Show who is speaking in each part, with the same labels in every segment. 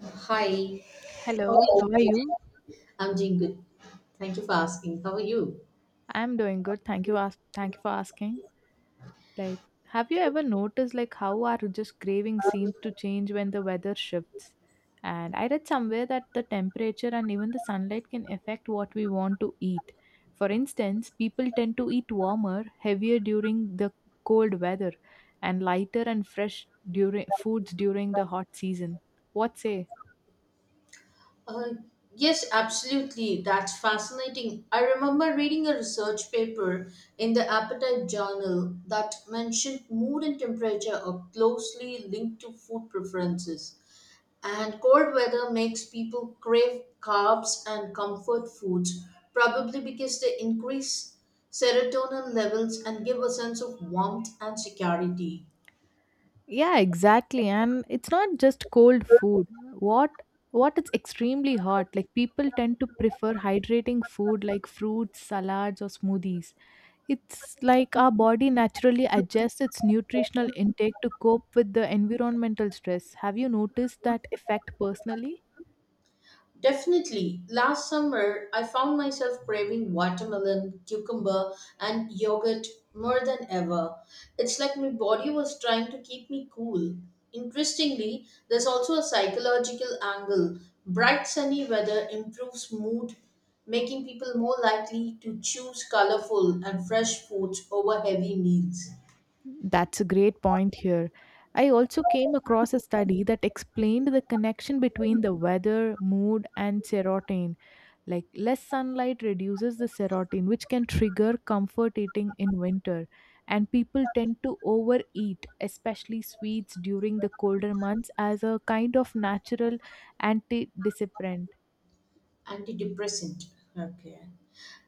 Speaker 1: Hi, how are you?
Speaker 2: Hello,
Speaker 1: Hello.
Speaker 2: how are you?
Speaker 1: I'm doing good. Thank you for asking. How are you?
Speaker 2: I'm doing good. Thank you. Thank you for asking. Like, have you ever noticed how our just craving seems to change when the weather shifts? And I read somewhere that the temperature and even the sunlight can affect what we want to eat. For instance, people tend to eat warmer, heavier during the cold weather, and lighter and fresh during foods during the hot season. What say?
Speaker 1: Uh, yes, absolutely. That's fascinating. I remember reading a research paper in the Appetite Journal that mentioned mood and temperature are closely linked to food preferences. And cold weather makes people crave carbs and comfort foods, probably because they increase serotonin levels and give a sense of warmth and security.
Speaker 2: Yeah, exactly. And it's not just cold food. What what it's extremely hot. Like people tend to prefer hydrating food like fruits, salads or smoothies. It's like our body naturally adjusts its nutritional intake to cope with the environmental stress. Have you noticed that effect personally?
Speaker 1: Definitely. Last summer, I found myself craving watermelon, cucumber, and yogurt more than ever. It's like my body was trying to keep me cool. Interestingly, there's also a psychological angle. Bright sunny weather improves mood, making people more likely to choose colorful and fresh foods over heavy meals.
Speaker 2: That's a great point here. I also came across a study that explained the connection between the weather, mood, and serotonin. Like less sunlight reduces the serotonin, which can trigger comfort eating in winter. And people tend to overeat, especially sweets during the colder months, as a kind of natural antidepressant.
Speaker 1: Antidepressant. Okay.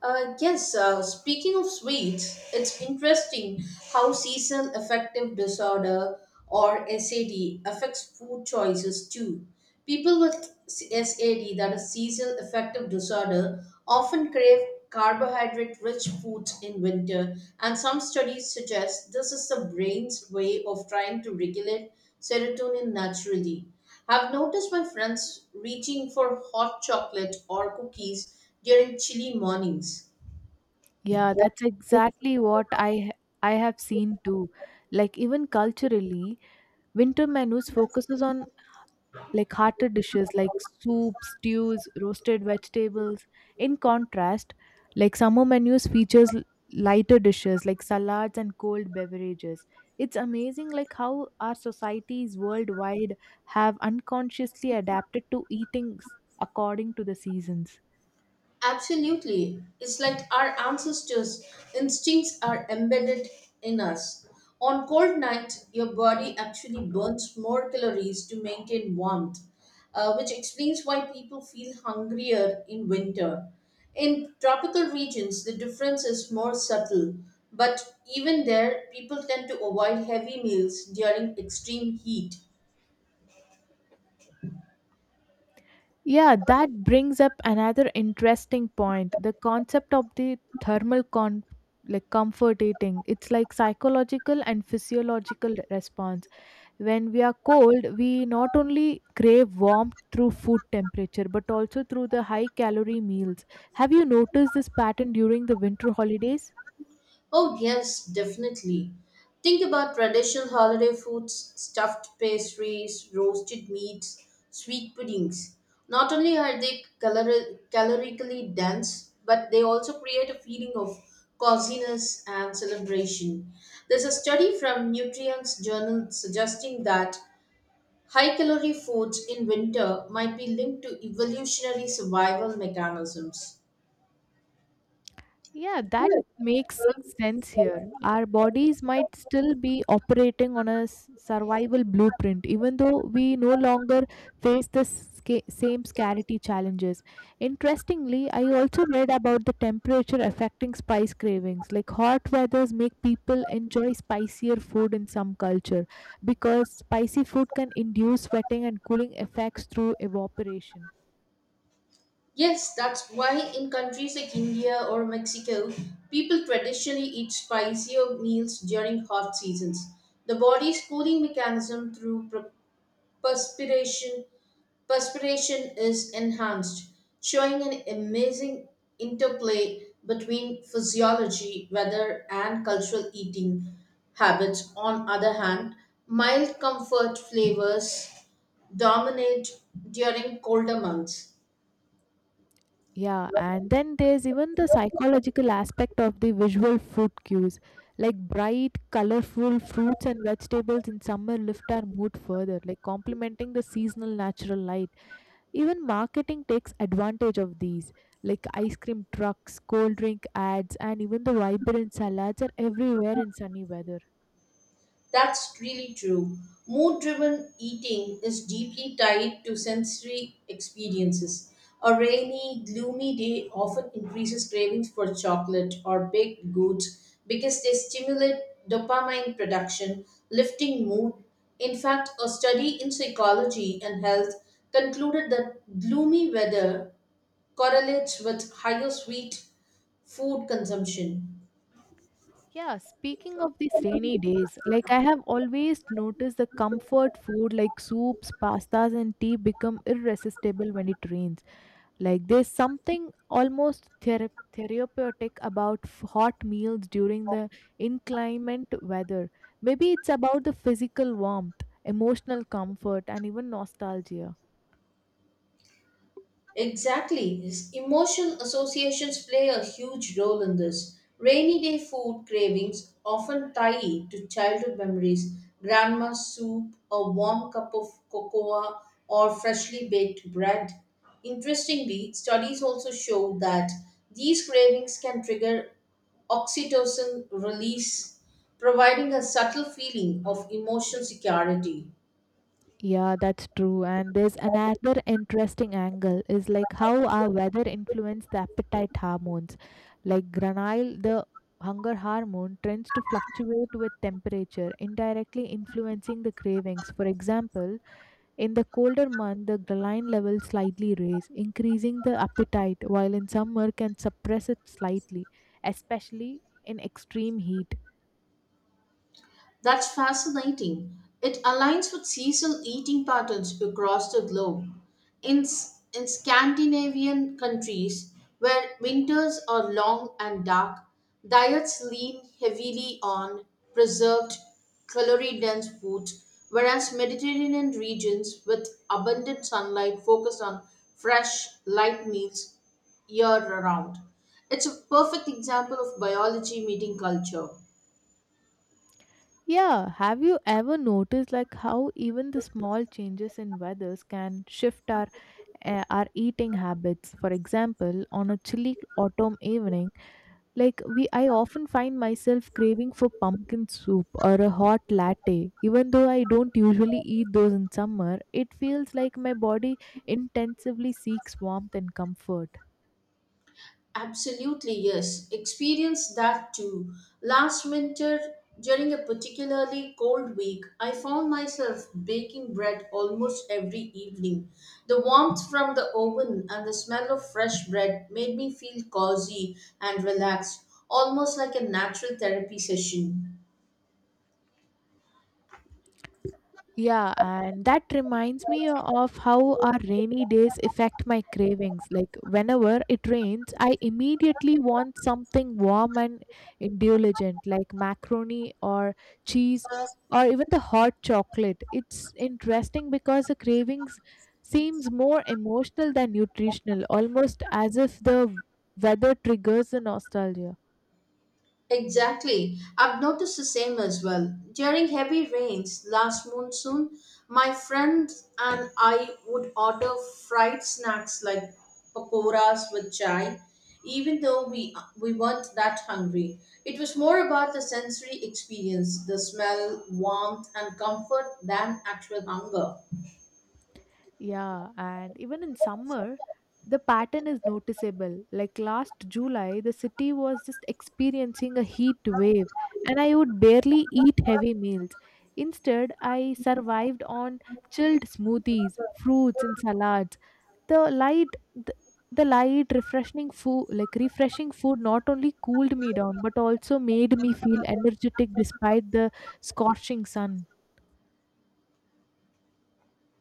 Speaker 1: Yes, Speaking of sweets, it's interesting how seasonal affective disorder or SAD affects food choices too. People with SAD, that is seasonal affective disorder, often crave carbohydrate rich foods in winter, and some studies suggest this is the brain's way of trying to regulate serotonin naturally. I've noticed my friends reaching for hot chocolate or cookies during chilly mornings.
Speaker 2: Yeah, that's exactly what I have seen too. Like even culturally, winter menus focuses on hearty dishes like soups, stews, roasted vegetables. In contrast, like summer menus features lighter dishes like salads and cold beverages. It's amazing like how our societies worldwide have unconsciously adapted to eating according to the seasons.
Speaker 1: Absolutely. It's like our ancestors' instincts are embedded in us. On cold nights, your body actually burns more calories to maintain warmth, which explains why people feel hungrier in winter. In tropical regions, the difference is more subtle, but even there, people tend to avoid heavy meals during extreme heat.
Speaker 2: Yeah, that brings up another interesting point. The concept of the thermal con like comfort eating. It's like psychological and physiological response. When we are cold, we not only crave warmth through food temperature but also through the high calorie meals. Have you noticed this pattern during the winter holidays?
Speaker 1: Oh, yes, definitely. Think about traditional holiday foods, stuffed pastries, roasted meats, sweet puddings. Not only are they calorically dense, but they also create a feeling of coziness and celebration. There's a study from Nutrients Journal suggesting that high calorie foods in winter might be linked to evolutionary survival mechanisms.
Speaker 2: Yeah, that makes sense here. Our bodies might still be operating on a survival blueprint, even though we no longer face the same scarcity challenges. Interestingly, I also read about the temperature affecting spice cravings. Like hot weathers make people enjoy spicier food in some culture because spicy food can induce sweating and cooling effects through evaporation.
Speaker 1: Yes, that's why in countries like India or Mexico, people traditionally eat spicier meals during hot seasons. The body's cooling mechanism through perspiration perspiration is enhanced, showing an amazing interplay between physiology, weather, and cultural eating habits. On other hand, mild comfort flavors dominate during colder months.
Speaker 2: Yeah, and then there's even the psychological aspect of the visual food cues. Like bright, colorful fruits and vegetables in summer lift our mood further, like complementing the seasonal natural light. Even marketing takes advantage of these, like ice cream trucks, cold drink ads, and even the vibrant salads are everywhere in sunny weather.
Speaker 1: That's really true. Mood driven eating is deeply tied to sensory experiences. A rainy, gloomy day often increases cravings for chocolate or baked goods because they stimulate dopamine production, lifting mood. In fact, a study in psychology and health concluded that gloomy weather correlates with higher sweet food consumption.
Speaker 2: Yeah, speaking of these rainy days, like I have always noticed the comfort food like soups, pastas, and tea become irresistible when it rains. Like there's something almost therapeutic about hot meals during the inclement weather. Maybe it's about the physical warmth, emotional comfort, and even nostalgia.
Speaker 1: Exactly. His emotional associations play a huge role in this. Rainy day food cravings often tie it to childhood memories, grandma's soup, a warm cup of cocoa, or freshly baked bread. Interestingly, studies also show that these cravings can trigger oxytocin release, providing a subtle feeling of emotional security.
Speaker 2: Yeah, that's true. And there's another interesting angle is like how our weather influence the appetite hormones. Like granile, the hunger hormone tends to fluctuate with temperature, indirectly influencing the cravings. For example, in the colder month, the ghrelin levels slightly raise, increasing the appetite, while in summer can suppress it slightly, especially in extreme heat.
Speaker 1: That's fascinating. It aligns with seasonal eating patterns across the globe. In Scandinavian countries, where winters are long and dark, diets lean heavily on preserved, calorie dense foods, whereas Mediterranean regions with abundant sunlight focus on fresh, light meals year round. It's a perfect example of biology meeting culture.
Speaker 2: Yeah, have you ever noticed like how even the small changes in weathers can shift our eating habits? For example, on a chilly autumn evening, like we I often find myself craving for pumpkin soup or a hot latte. Even though I don't usually eat those in summer, it feels like my body intensively seeks warmth and comfort.
Speaker 1: Absolutely, yes. Experienced that too. Last winter, during a particularly cold week, I found myself baking bread almost every evening. The warmth from the oven and the smell of fresh bread made me feel cozy and relaxed, almost like a natural therapy session.
Speaker 2: Yeah, and that reminds me of how our rainy days affect my cravings. Like, whenever it rains, I immediately want something warm and indulgent, like macaroni or cheese or even the hot chocolate. It's interesting because the cravings seems more emotional than nutritional, almost as if the weather triggers the nostalgia.
Speaker 1: Exactly. I've noticed the same as well. During heavy rains last monsoon, my friend and I would order fried snacks like pakoras with chai, even though we weren't that hungry. It was more about the sensory experience, the smell, warmth, and comfort than actual hunger.
Speaker 2: Yeah, and even in summer, the pattern is noticeable. Like last July, the city was just experiencing a heat wave, and I would barely eat heavy meals. Instead, I survived on chilled smoothies, fruits, and salads. The light, the, the light, refreshing food, like refreshing food, not only cooled me down but also made me feel energetic despite the scorching sun.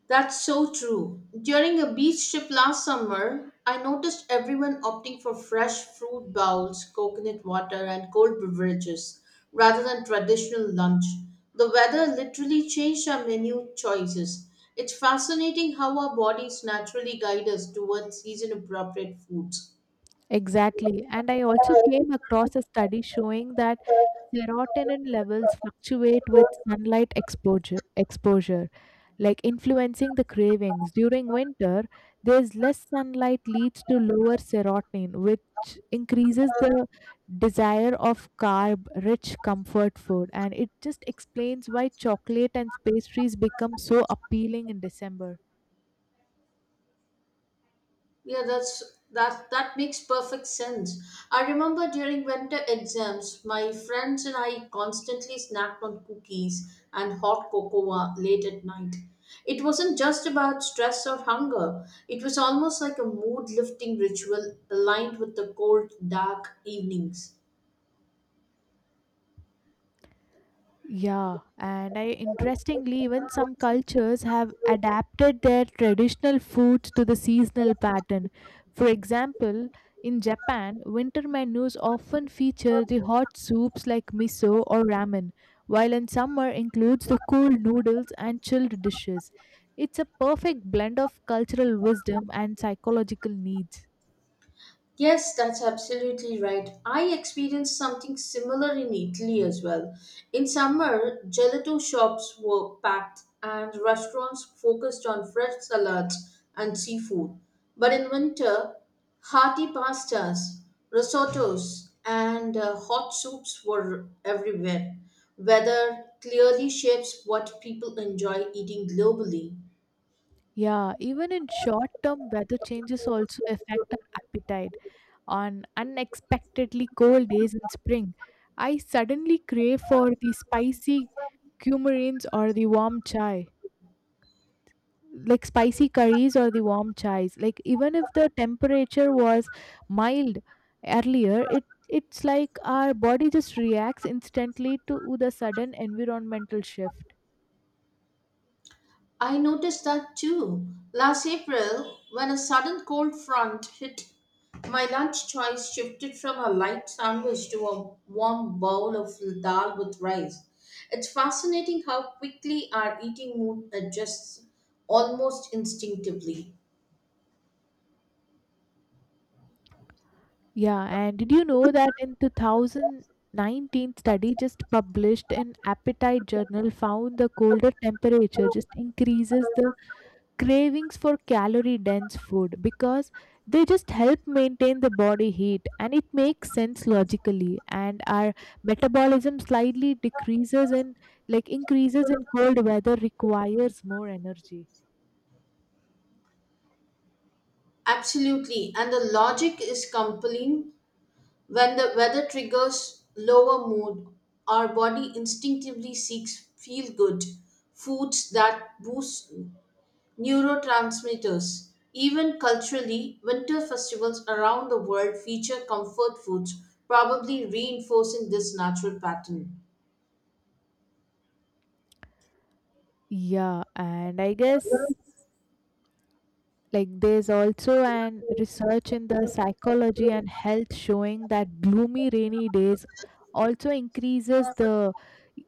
Speaker 1: That's so true. During a beach trip last summer, I noticed everyone opting for fresh fruit bowls, coconut water, and cold beverages rather than traditional lunch. The weather literally changed our menu choices. It's fascinating how our bodies naturally guide us towards season appropriate foods.
Speaker 2: Exactly. And I also came across a study showing that serotonin levels fluctuate with sunlight exposure, like influencing the cravings. During winter, there's less sunlight leads to lower serotonin, which increases the desire of carb-rich comfort food, and it just explains why chocolate and pastries become so appealing in December.
Speaker 1: Yeah, that makes perfect sense. I remember during winter exams, my friends and I constantly snacked on cookies and hot cocoa late at night. It wasn't just about stress or hunger. It was almost like a mood lifting ritual aligned with the cold, dark evenings.
Speaker 2: Yeah, and I Interestingly, even some cultures have adapted their traditional foods to the seasonal pattern. For example, in Japan, winter menus often feature the hot soups like miso or ramen, while in summer includes the cool noodles and chilled dishes. It's a perfect blend of cultural wisdom and psychological needs.
Speaker 1: Yes, that's absolutely right. I experienced something similar in Italy as well. In summer, gelato shops were packed and restaurants focused on fresh salads and seafood. But in winter, hearty pastas, risottos, and hot soups were everywhere. Weather clearly shapes what people enjoy eating globally.
Speaker 2: Yeah, even in short term, weather changes also affect our appetite. On unexpectedly cold days in spring, I suddenly crave for the cumarins or the warm chai, spicy curries or the warm chais. Like even if the temperature was mild earlier, it's like our body just reacts instantly to the sudden environmental shift.
Speaker 1: I noticed that too. Last April, when a sudden cold front hit, my lunch choice shifted from a light sandwich to a warm bowl of dal with rice. It's fascinating how quickly our eating mood adjusts almost instinctively.
Speaker 2: Yeah, and did you know that in 2019 study just published in Appetite Journal found the colder temperature just increases the cravings for calorie dense food because they just help maintain the body heat, and it makes sense logically, and our metabolism slightly decreases in like increases in cold weather requires more energy.
Speaker 1: Absolutely, and the logic is compelling. When the weather triggers lower mood, our body instinctively seeks feel good foods that boost neurotransmitters. Even culturally, winter festivals around the world feature comfort foods, probably reinforcing this natural pattern.
Speaker 2: Yeah, and I guess like there's also an research in the psychology and health showing that gloomy rainy days also increases the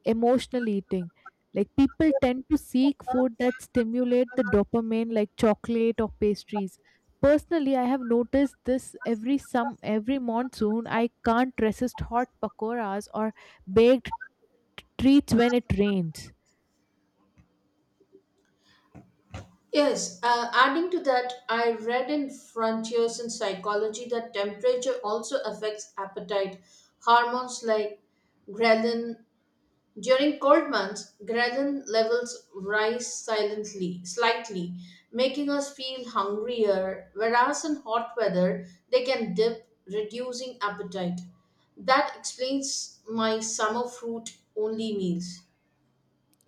Speaker 2: emotional eating, like people tend to seek food that stimulate the dopamine like chocolate or pastries. Personally, I have noticed this every monsoon. I can't resist hot pakoras or baked treats when it rains.
Speaker 1: Yes, adding to that, I read in Frontiers in Psychology that temperature also affects appetite. Hormones like ghrelin. During cold months, gradin levels rise silently, slightly, making us feel hungrier, whereas in hot weather, they can dip, reducing appetite. That explains my summer fruit only meals.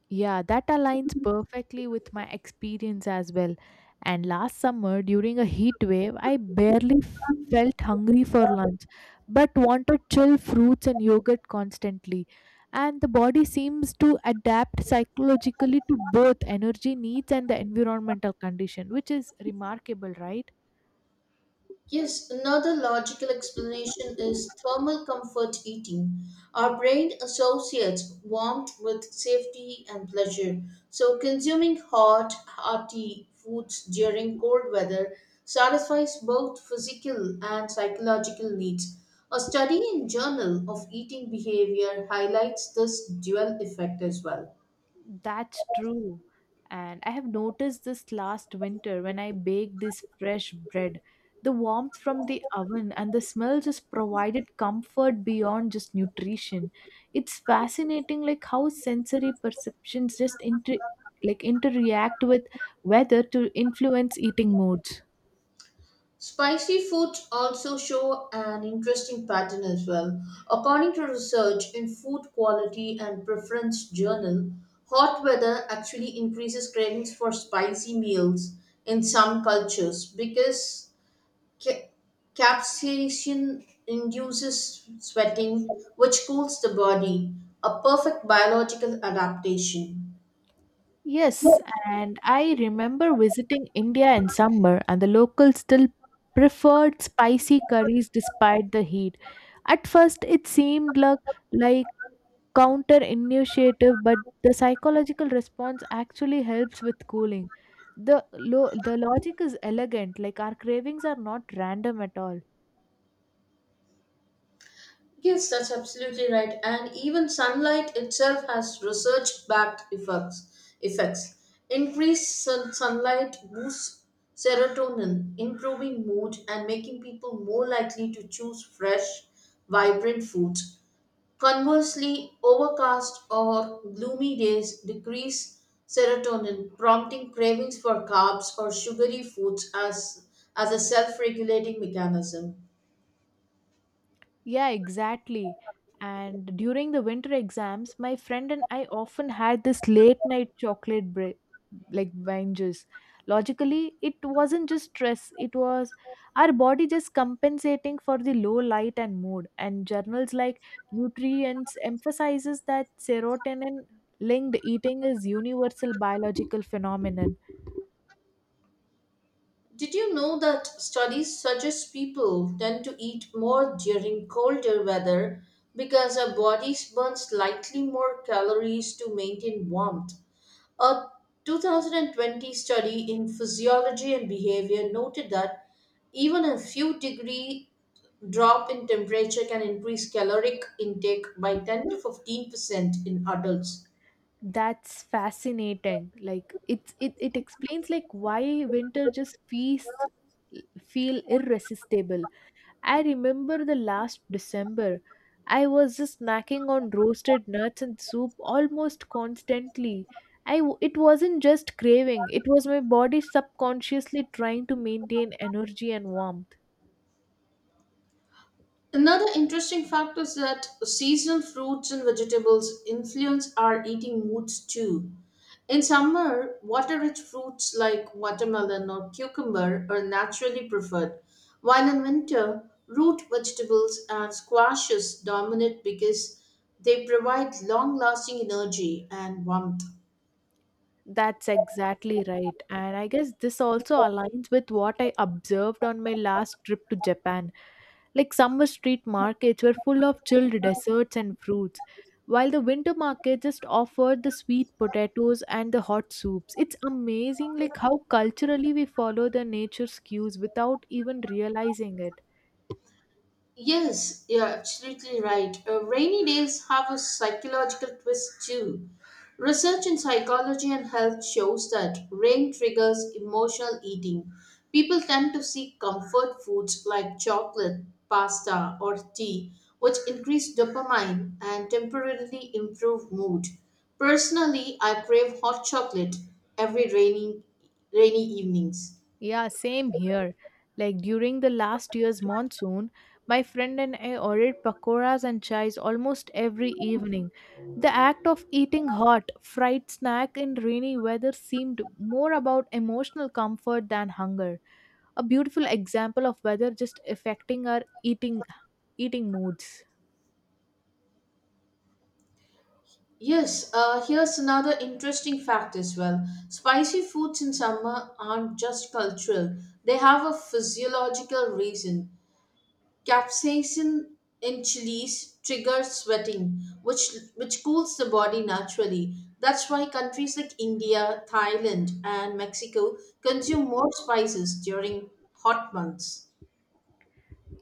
Speaker 2: Yeah, that aligns perfectly with my experience as well. And last summer, during a heat wave, I barely felt hungry for lunch, but wanted chill fruits and yogurt constantly. And the body seems to adapt psychologically to both energy needs and the environmental condition, which is remarkable, right?
Speaker 1: Yes, another logical explanation is thermal comfort eating. Our brain associates warmth with safety and pleasure. So, consuming hot, hearty foods during cold weather satisfies both physical and psychological needs. A study in Journal of Eating Behavior highlights this dual effect as well.
Speaker 2: That's true. And I have noticed this last winter when I baked this fresh bread. The warmth from the oven and the smell just provided comfort beyond just nutrition. It's fascinating like how sensory perceptions just interreact with weather to influence eating moods.
Speaker 1: Spicy foods also show an interesting pattern as well. According to research in Food Quality and Preference Journal, hot weather actually increases cravings for spicy meals in some cultures because ca- capsaicin induces sweating, which cools the body, a perfect biological adaptation.
Speaker 2: Yes, and I remember visiting India in summer, and the locals still preferred spicy curries despite the heat. At first, it seemed like counter initiative, but the psychological response actually helps with cooling. The logic is elegant, like our cravings are not random at all.
Speaker 1: Yes, that's absolutely right. And even sunlight itself has research-backed effects. Effects. Increased sunlight boosts serotonin, improving mood and making people more likely to choose fresh, vibrant foods. Conversely, overcast or gloomy days decrease serotonin, prompting cravings for carbs or sugary foods as a self-regulating mechanism.
Speaker 2: Yeah, exactly. And during the winter exams, my friend and I often had this late night chocolate break, like wine. Logically, it wasn't just stress, it was our body just compensating for the low light and mood. And journals like Nutrients emphasizes that serotonin linked eating is universal biological phenomenon.
Speaker 1: Did you know that studies suggest people tend to eat more during colder weather because our bodies burn slightly more calories to maintain warmth? A 2020 study in Physiology and Behavior noted that even a few degree drop in temperature can increase caloric intake by 10 to 15% in adults.
Speaker 2: That's fascinating. Like it explains like why winter just feel irresistible. I remember the last December. I was just snacking on roasted nuts and soup almost constantly. It wasn't just craving, it was my body subconsciously trying to maintain energy and warmth.
Speaker 1: Another interesting fact is that seasonal fruits and vegetables influence our eating moods too. In summer, water rich fruits like watermelon or cucumber are naturally preferred, while in winter, root vegetables and squashes dominate because they provide long lasting energy and warmth.
Speaker 2: That's exactly right. And I guess this also aligns with what I observed on my last trip to Japan. Like summer street markets were full of chilled desserts and fruits, while the winter market just offered the sweet potatoes and the hot soups. It's amazing like how culturally we follow the nature's cues without even realizing it.
Speaker 1: Yes, you're absolutely right. Rainy days have a psychological twist too. Research in psychology and health shows that rain triggers emotional eating. People tend to seek comfort foods like chocolate, pasta, or tea, which increase dopamine and temporarily improve mood. Personally, I crave hot chocolate every rainy evenings.
Speaker 2: Yeah, same here. Like during the last year's monsoon, my friend and I ordered pakoras and chais almost every evening. The act of eating hot, fried snack in rainy weather seemed more about emotional comfort than hunger. A beautiful example of weather just affecting our eating moods.
Speaker 1: Yes, here's another interesting fact as well. Spicy foods in summer aren't just cultural, they have a physiological reason. Capsaicin in chilies triggers sweating, which cools the body naturally. That's why countries like India, Thailand, and Mexico consume more spices during hot months.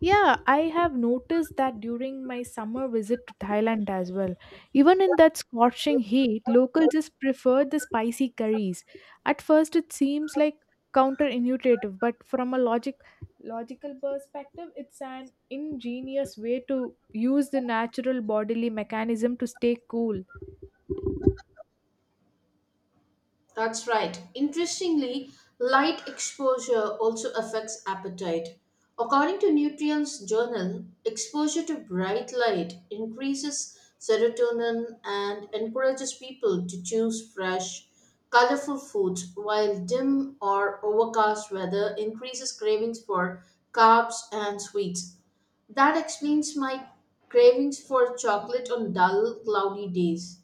Speaker 2: Yeah, I have noticed that during my summer visit to Thailand as well. Even in that scorching heat, locals just prefer the spicy curries. At first, it seems like counterintuitive, but from a logical perspective, it's an ingenious way to use the natural bodily mechanism to stay cool.
Speaker 1: That's right. Interestingly, light exposure also affects appetite. According to Nutrients Journal, exposure to bright light increases serotonin and encourages people to choose fresh, colorful foods, while dim or overcast weather increases cravings for carbs and sweets. That explains my cravings for chocolate on dull, cloudy days.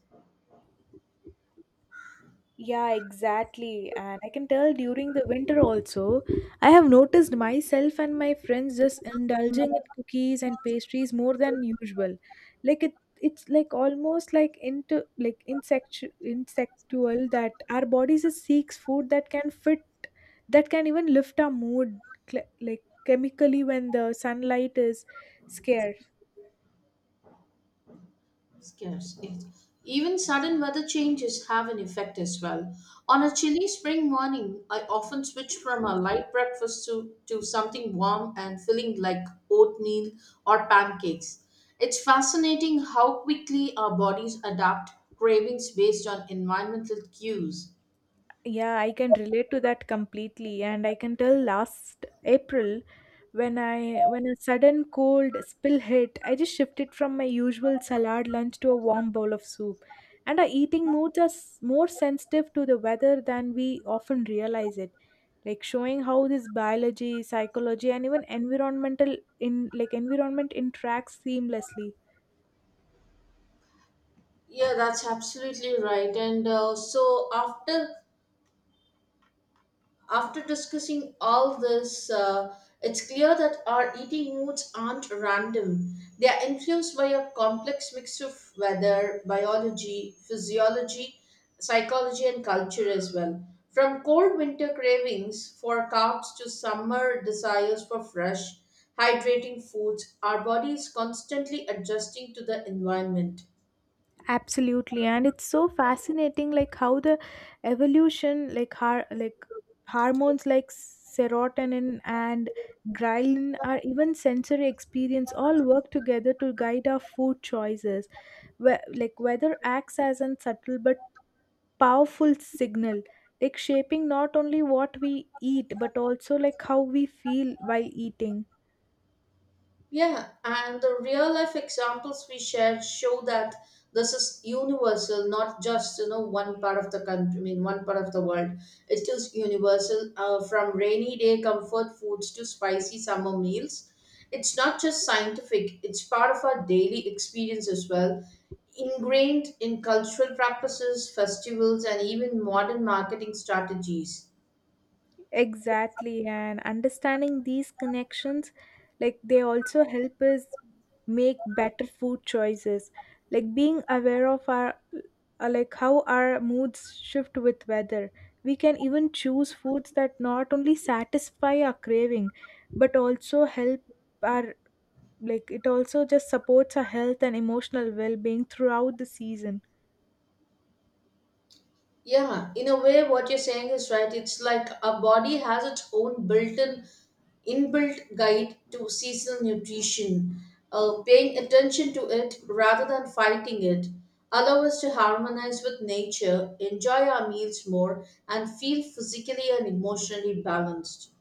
Speaker 2: Yeah, exactly. And I can tell during the winter also, I have noticed myself and my friends just indulging in cookies and pastries more than usual. Like it's like almost like into like insect insectual that our bodies just seeks food that that can even lift our mood, like chemically when the sunlight is scarce.
Speaker 1: Scarce. Yes. Even sudden weather changes have an effect as well. On a chilly spring morning, I often switch from a light breakfast to something warm and filling like oatmeal or pancakes. It's fascinating how quickly our bodies adapt cravings based on environmental cues.
Speaker 2: Yeah, I can relate to that completely, and I can tell last April when a sudden cold spill hit, I just shifted from my usual salad lunch to a warm bowl of soup. And our eating moods are more sensitive to the weather than we often realize it. Like showing how this biology, psychology, and even environmental in like environment interacts seamlessly.
Speaker 1: Yeah, that's absolutely right. And so after After discussing all this, it's clear that our eating moods aren't random. They are influenced by a complex mix of weather, biology, physiology, psychology, and culture as well. From cold winter cravings for carbs to summer desires for fresh, hydrating foods, our body is constantly adjusting to the environment.
Speaker 2: Absolutely, and it's so fascinating, like how the evolution, like hormones like serotonin and ghrelin, or even sensory experience, all work together to guide our food choices. Where, like weather acts as a subtle but powerful signal, like shaping not only what we eat but also like how we feel while eating.
Speaker 1: Yeah, and the real life examples we shared show that this is universal, not just you know one part of the country. I mean, one part of the world. It is universal from rainy day comfort foods to spicy summer meals. It's not just scientific; it's part of our daily experience as well, ingrained in cultural practices, festivals, and even modern marketing strategies.
Speaker 2: Exactly, and understanding these connections, like they also help us make better food choices. Like being aware of our like how our moods shift with weather. We can even choose foods that not only satisfy our craving, but also help our it also just supports our health and emotional well-being throughout the season.
Speaker 1: Yeah, in a way, what you're saying is right. It's like our body has its own built in inbuilt guide to seasonal nutrition, paying attention to it rather than fighting it, allow us to harmonize with nature, enjoy our meals more, and feel physically and emotionally balanced.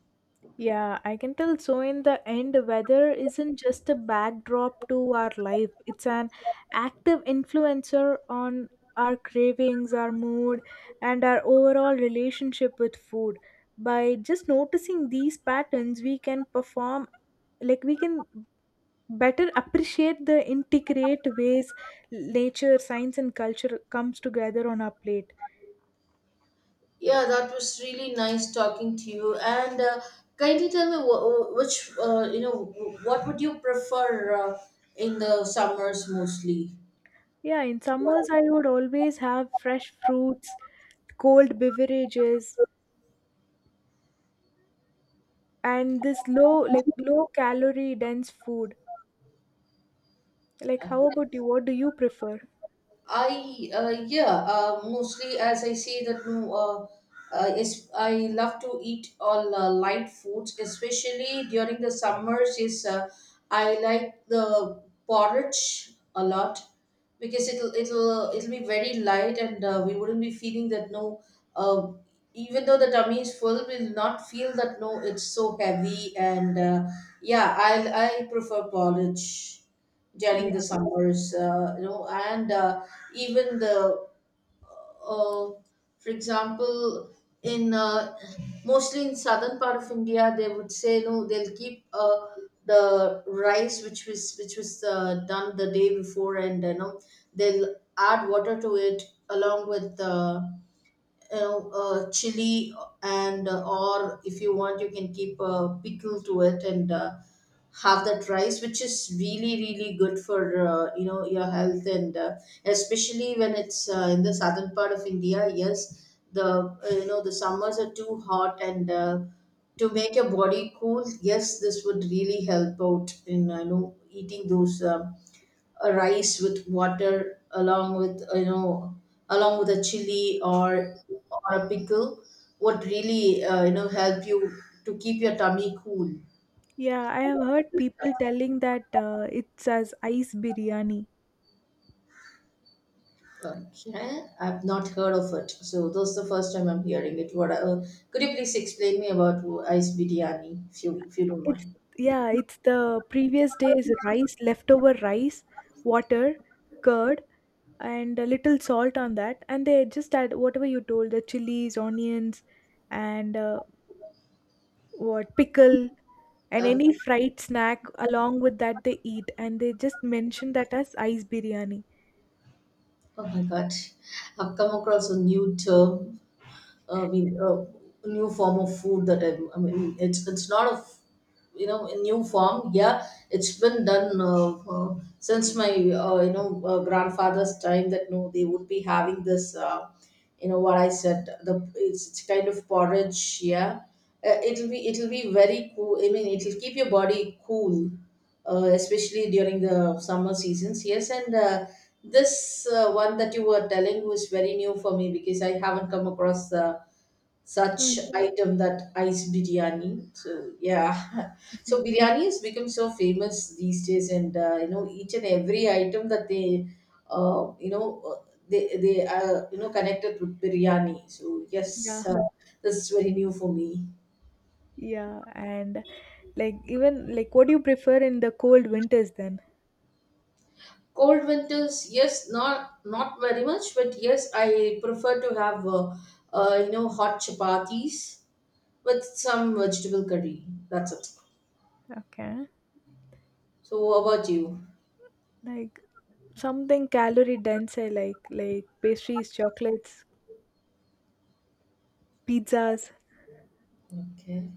Speaker 2: Yeah, I can tell. So, in the end, weather isn't just a backdrop to our life, it's an active influencer on our cravings, our mood, and our overall relationship with food. By just noticing these patterns, we can better appreciate the integrate ways nature, science, and culture comes together on our plate.
Speaker 1: Yeah, that was really nice talking to you. And kindly tell me wh- wh- which you know wh- what would you prefer in the summers mostly?
Speaker 2: Yeah, in summers, I
Speaker 1: What?
Speaker 2: would always have fresh fruits, cold beverages, and this low calorie dense food. Like
Speaker 1: uh,
Speaker 2: how about you, what do you prefer?
Speaker 1: mostly as I say that no, is I love to eat all light foods, especially during the summers. Is I like the porridge a lot because it'll be very light and we wouldn't be feeling that no. Uh, Even though the tummy is full, we'll not feel that no. It's so heavy and yeah, I prefer porridge during the
Speaker 2: Yeah,
Speaker 1: summers, and even uh, for example, in mostly in southern part of India, they would say no, they'll keep the rice which was done the day before, and you know they'll add water to it along with chili and or if you want you can keep a pickle to it and have that rice which is really really good for your health and especially when it's in the southern part of India. Yes, the the summers are too hot and to make your body cool. Yes, this would really help out in eating those a rice with water along with you know, along with a chili or a pickle would really help you to keep your tummy cool.
Speaker 2: yeah, I have heard people telling that it's as ice biryani.
Speaker 1: Okay, I've not heard of it, so this is the first time I'm hearing it. What Could you please explain me about ice biryani, if you don't
Speaker 2: It's,
Speaker 1: mind?
Speaker 2: yeah, it's the previous day's rice, leftover rice, water, curd, and a little salt on that, and they just add whatever you told, the chilies, onions, and what pickle and
Speaker 1: uh,
Speaker 2: any fried snack along with that they eat, and they just mention that as ice biryani.
Speaker 1: oh my god, I've come across a new term. I mean, a new form of food that I mean, it's not a, you know, a new form. Yeah, it's been done since my grandfather's time. That no, they would be having this. What I said. It's kind of porridge. Yeah, it'll be very cool. I mean, it'll keep your body cool, especially during the summer seasons. Yes, and. This one that you were telling was very new for me, because I haven't come across such item, that ice biryani. So yeah, so biryani has become so famous these days, and each and every item that they uh, you know uh, they are you know connected with biryani. So
Speaker 2: Yeah,
Speaker 1: yes, this is very new for me.
Speaker 2: yeah, and like even like what do you prefer in the cold winters then?
Speaker 1: Cold winters, yes, not not very much, but yes, I prefer to have hot chapatis with some vegetable curry, that's it.
Speaker 2: Okay,
Speaker 1: So what about you?
Speaker 2: like something calorie dense, I like pastries, chocolates, pizzas,
Speaker 1: Okay.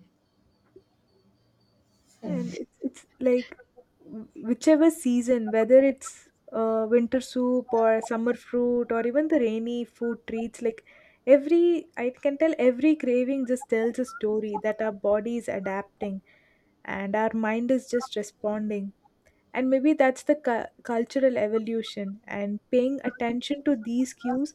Speaker 2: and it's like whichever season, whether it's winter soup or summer fruit or even the rainy food treats, like every I can tell every craving just tells a story that our body is adapting and our mind is just responding, and maybe that's the cultural evolution, and paying attention to these cues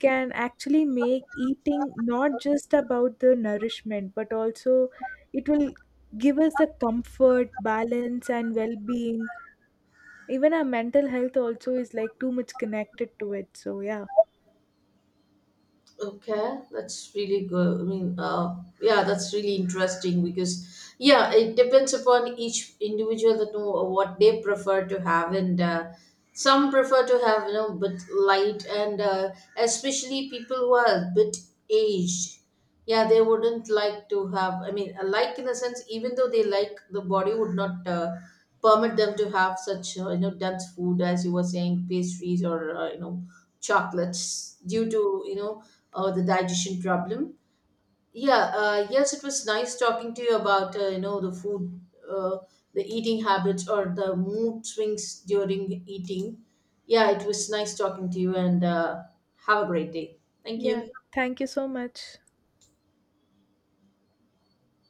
Speaker 2: can actually make eating not just about the nourishment but also it will give us the comfort balance and well-being. Even our mental health also is like too much connected to it, so yeah.
Speaker 1: Okay, that's really good. I mean, yeah, that's really interesting, because yeah, it depends upon each individual that know what they prefer to have, and some prefer to have, you know, but light, and especially people who are a bit aged. Yeah, they wouldn't like to have. I mean, like in a sense, even though they like, the body would not permit them to have such, dense food, as you were saying, pastries or chocolates, due to you know the digestion problem. Yeah, yes, it was nice talking to you about the food, uh, the eating habits or the mood swings during eating. Yeah, it was nice talking to you, and have a great day. Thank
Speaker 2: Yeah,
Speaker 1: you.
Speaker 2: thank you so much.